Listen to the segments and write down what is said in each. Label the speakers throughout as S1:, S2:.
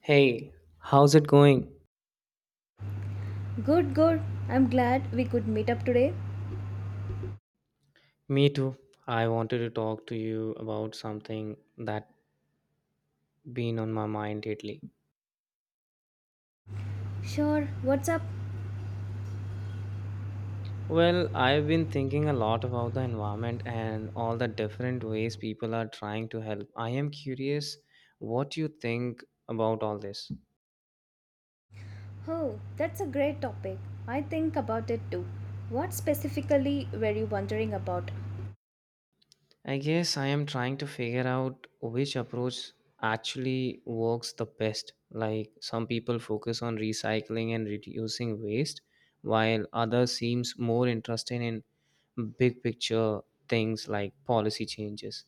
S1: Hey, how's it going?
S2: Good, good. I'm glad we could meet up today.
S1: Me too. I wanted to talk to you about something that been on my mind lately.
S2: Sure, what's up?
S1: Well, I've been thinking a lot about the environment and all the different ways people are trying to help. I am curious what you think about all this.
S2: Oh, that's a great topic. I think about it too. What specifically were you wondering about?
S1: I guess I am trying to figure out which approach actually works the best. Like some people focus on recycling and reducing waste, while others seems more interested in big picture things like policy changes.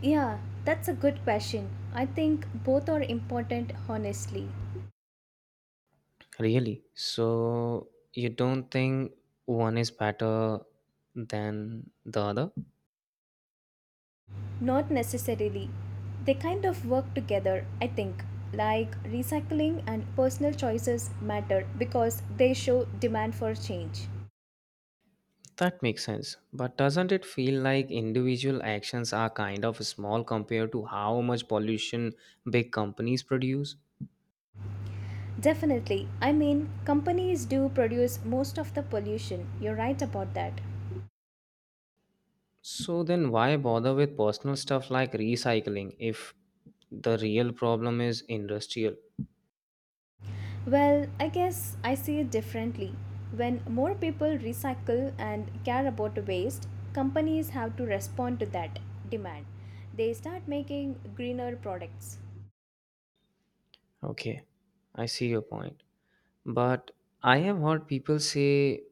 S2: Yeah, that's a good question. I think both are important, honestly.
S1: Really? So you don't think one is better than the other?
S2: Not necessarily. They kind of work together, I think. Like recycling and personal choices matter because they show demand for change.
S1: That makes sense. But doesn't it feel like individual actions are kind of small compared to how much pollution big companies produce?
S2: Definitely. Companies do produce most of the pollution. You're right about that.
S1: So then why bother with personal stuff like recycling if the real problem is industrial?
S2: Well, I guess I see it differently. When more people recycle and care about waste, companies have to respond to that demand. They start making greener products.
S1: Okay, I see your point. But I have heard people say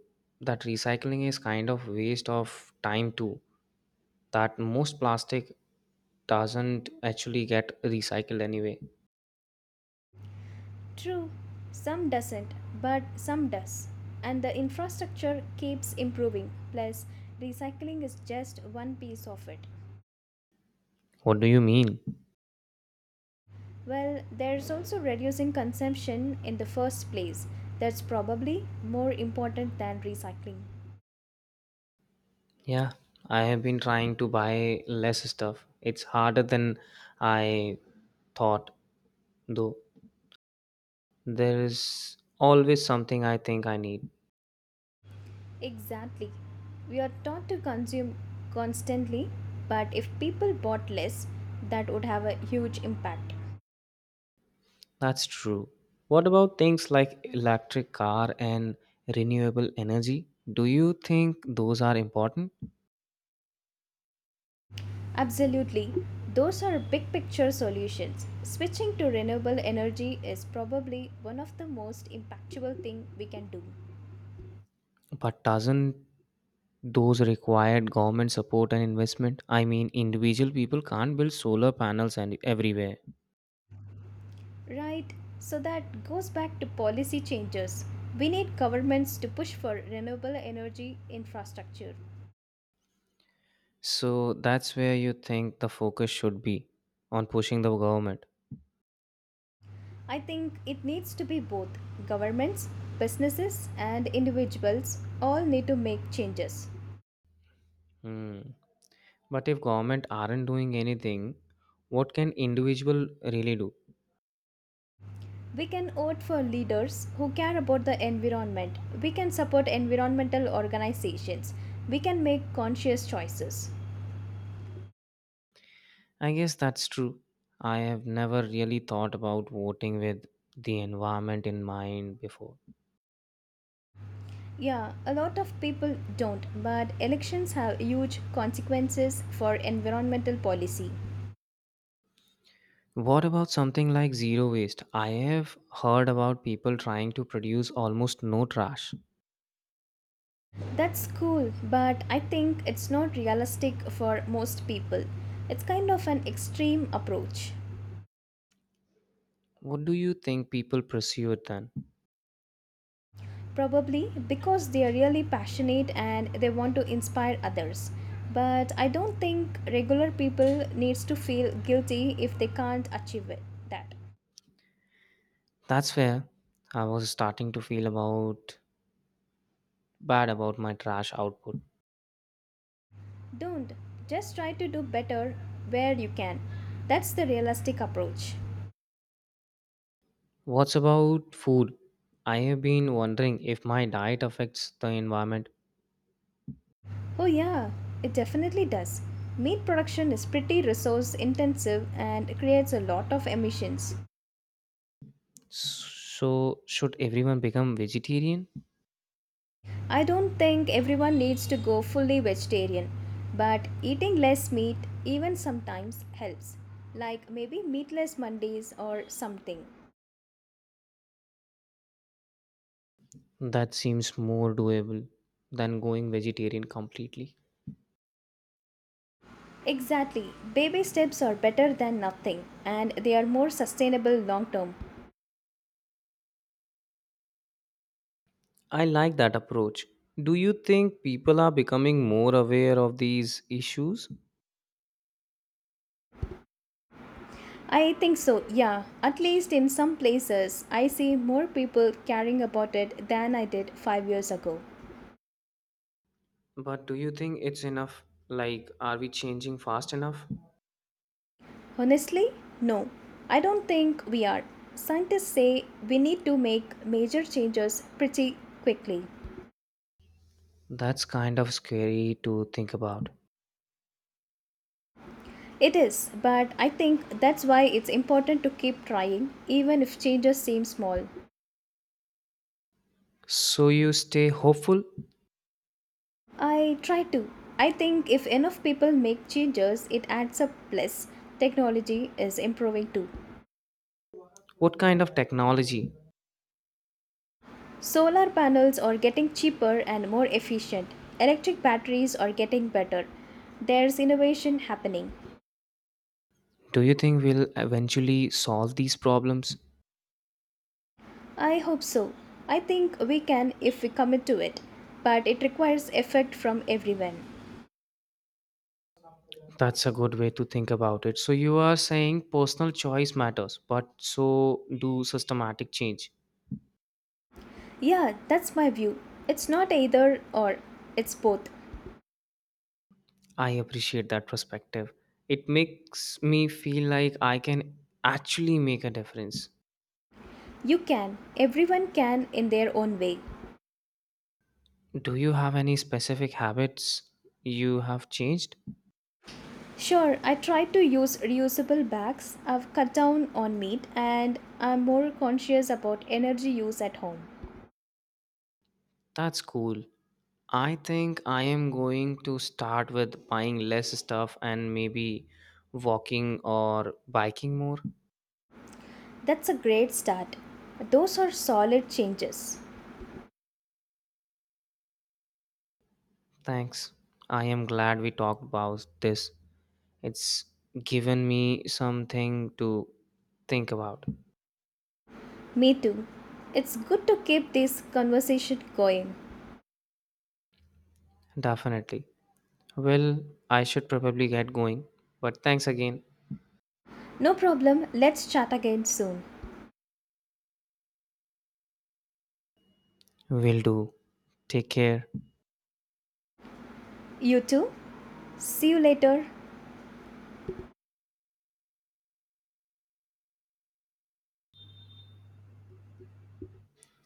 S1: that recycling is kind of waste of time too, that most plastic doesn't actually get recycled anyway.
S2: True, some doesn't, but some does. And the infrastructure keeps improving. Plus, recycling is just one piece of it.
S1: What do you mean?
S2: Well, there's also reducing consumption in the first place. That's probably more important than recycling.
S1: Yeah, I have been trying to buy less stuff. It's harder than I thought, though. There is always something I think I need.
S2: Exactly. We are taught to consume constantly, but if people bought less, that would have a huge impact.
S1: That's true. What about things like electric car and renewable energy? Do you think those are important?
S2: Absolutely. Those are big picture solutions. Switching to renewable energy is probably one of the most impactful thing we can do.
S1: But doesn't those required government support and investment? I mean, individual people can't build solar panels and everywhere.
S2: Right, so that goes back to policy changes. We need governments to push for renewable energy infrastructure.
S1: So that's where you think the focus should be on pushing the government.
S2: I think it needs to be both governments, businesses, and individuals all need to make changes.
S1: Hmm. But if government aren't doing anything, what can individual really do?
S2: We can vote for leaders who care about the environment. We can support environmental organizations. We can make conscious choices.
S1: I guess that's true. I have never really thought about voting with the environment in mind before.
S2: Yeah, a lot of people don't, but elections have huge consequences for environmental policy.
S1: What about something like zero waste? I have heard about people trying to produce almost no trash.
S2: That's cool, but I think it's not realistic for most people. It's kind of an extreme approach.
S1: What do you think people pursue it then?
S2: Probably because they are really passionate and they want to inspire others. But I don't think regular people needs to feel guilty if they can't achieve it. That.
S1: That's where I was starting to feel about bad about my trash output.
S2: Don't. Just try to do better where you can. That's the realistic approach.
S1: What's about food? I have been wondering if my diet affects the environment.
S2: Oh, yeah, it definitely does. Meat production is pretty resource intensive and creates a lot of emissions.
S1: So should everyone become vegetarian?
S2: I don't think everyone needs to go fully vegetarian, but eating less meat even sometimes helps, like maybe meatless Mondays or something.
S1: That seems more doable than going vegetarian completely.
S2: Exactly, baby steps are better than nothing and they are more sustainable long term.
S1: I like that approach. Do you think people are becoming more aware of these issues?
S2: I think so, yeah. At least in some places, I see more people caring about it than I did 5 years ago.
S1: But do you think it's enough? Like, are we changing fast enough?
S2: Honestly, no. I don't think we are. Scientists say we need to make major changes pretty quickly.
S1: That's kind of scary to think about.
S2: It is, but I think that's why it's important to keep trying, even if changes seem small.
S1: So, you stay hopeful?
S2: I try to. I think if enough people make changes, it adds up plus. Technology is improving too.
S1: What kind of technology
S2: Solar panels are getting cheaper and more efficient. Electric batteries are getting better. There's innovation happening.
S1: do you think will eventually solve these problems?
S2: I hope so. I think we can if we commit to it, but it requires effort from everyone.
S1: That's a good way to think about it. So, you are saying personal choice matters, but so do systematic change.
S2: Yeah, that's my view. It's not either or, it's both.
S1: I appreciate that perspective. It makes me feel like I can actually make a difference.
S2: You can, everyone can in their own way.
S1: Do you have any specific habits you have changed?
S2: Sure, I try to use reusable bags. I've cut down on meat and I'm more conscious about energy use at home.
S1: That's cool. I think I am going to start with buying less stuff and maybe walking or biking more.
S2: That's a great start. Those are solid changes.
S1: Thanks. I am glad we talked about this. It's given me something to think about.
S2: Me too. It's good to keep this conversation going.
S1: Definitely. Well, I should probably get going, but thanks again.
S2: No problem. Let's chat again soon.
S1: Will do. Take care.
S2: You too? See you later.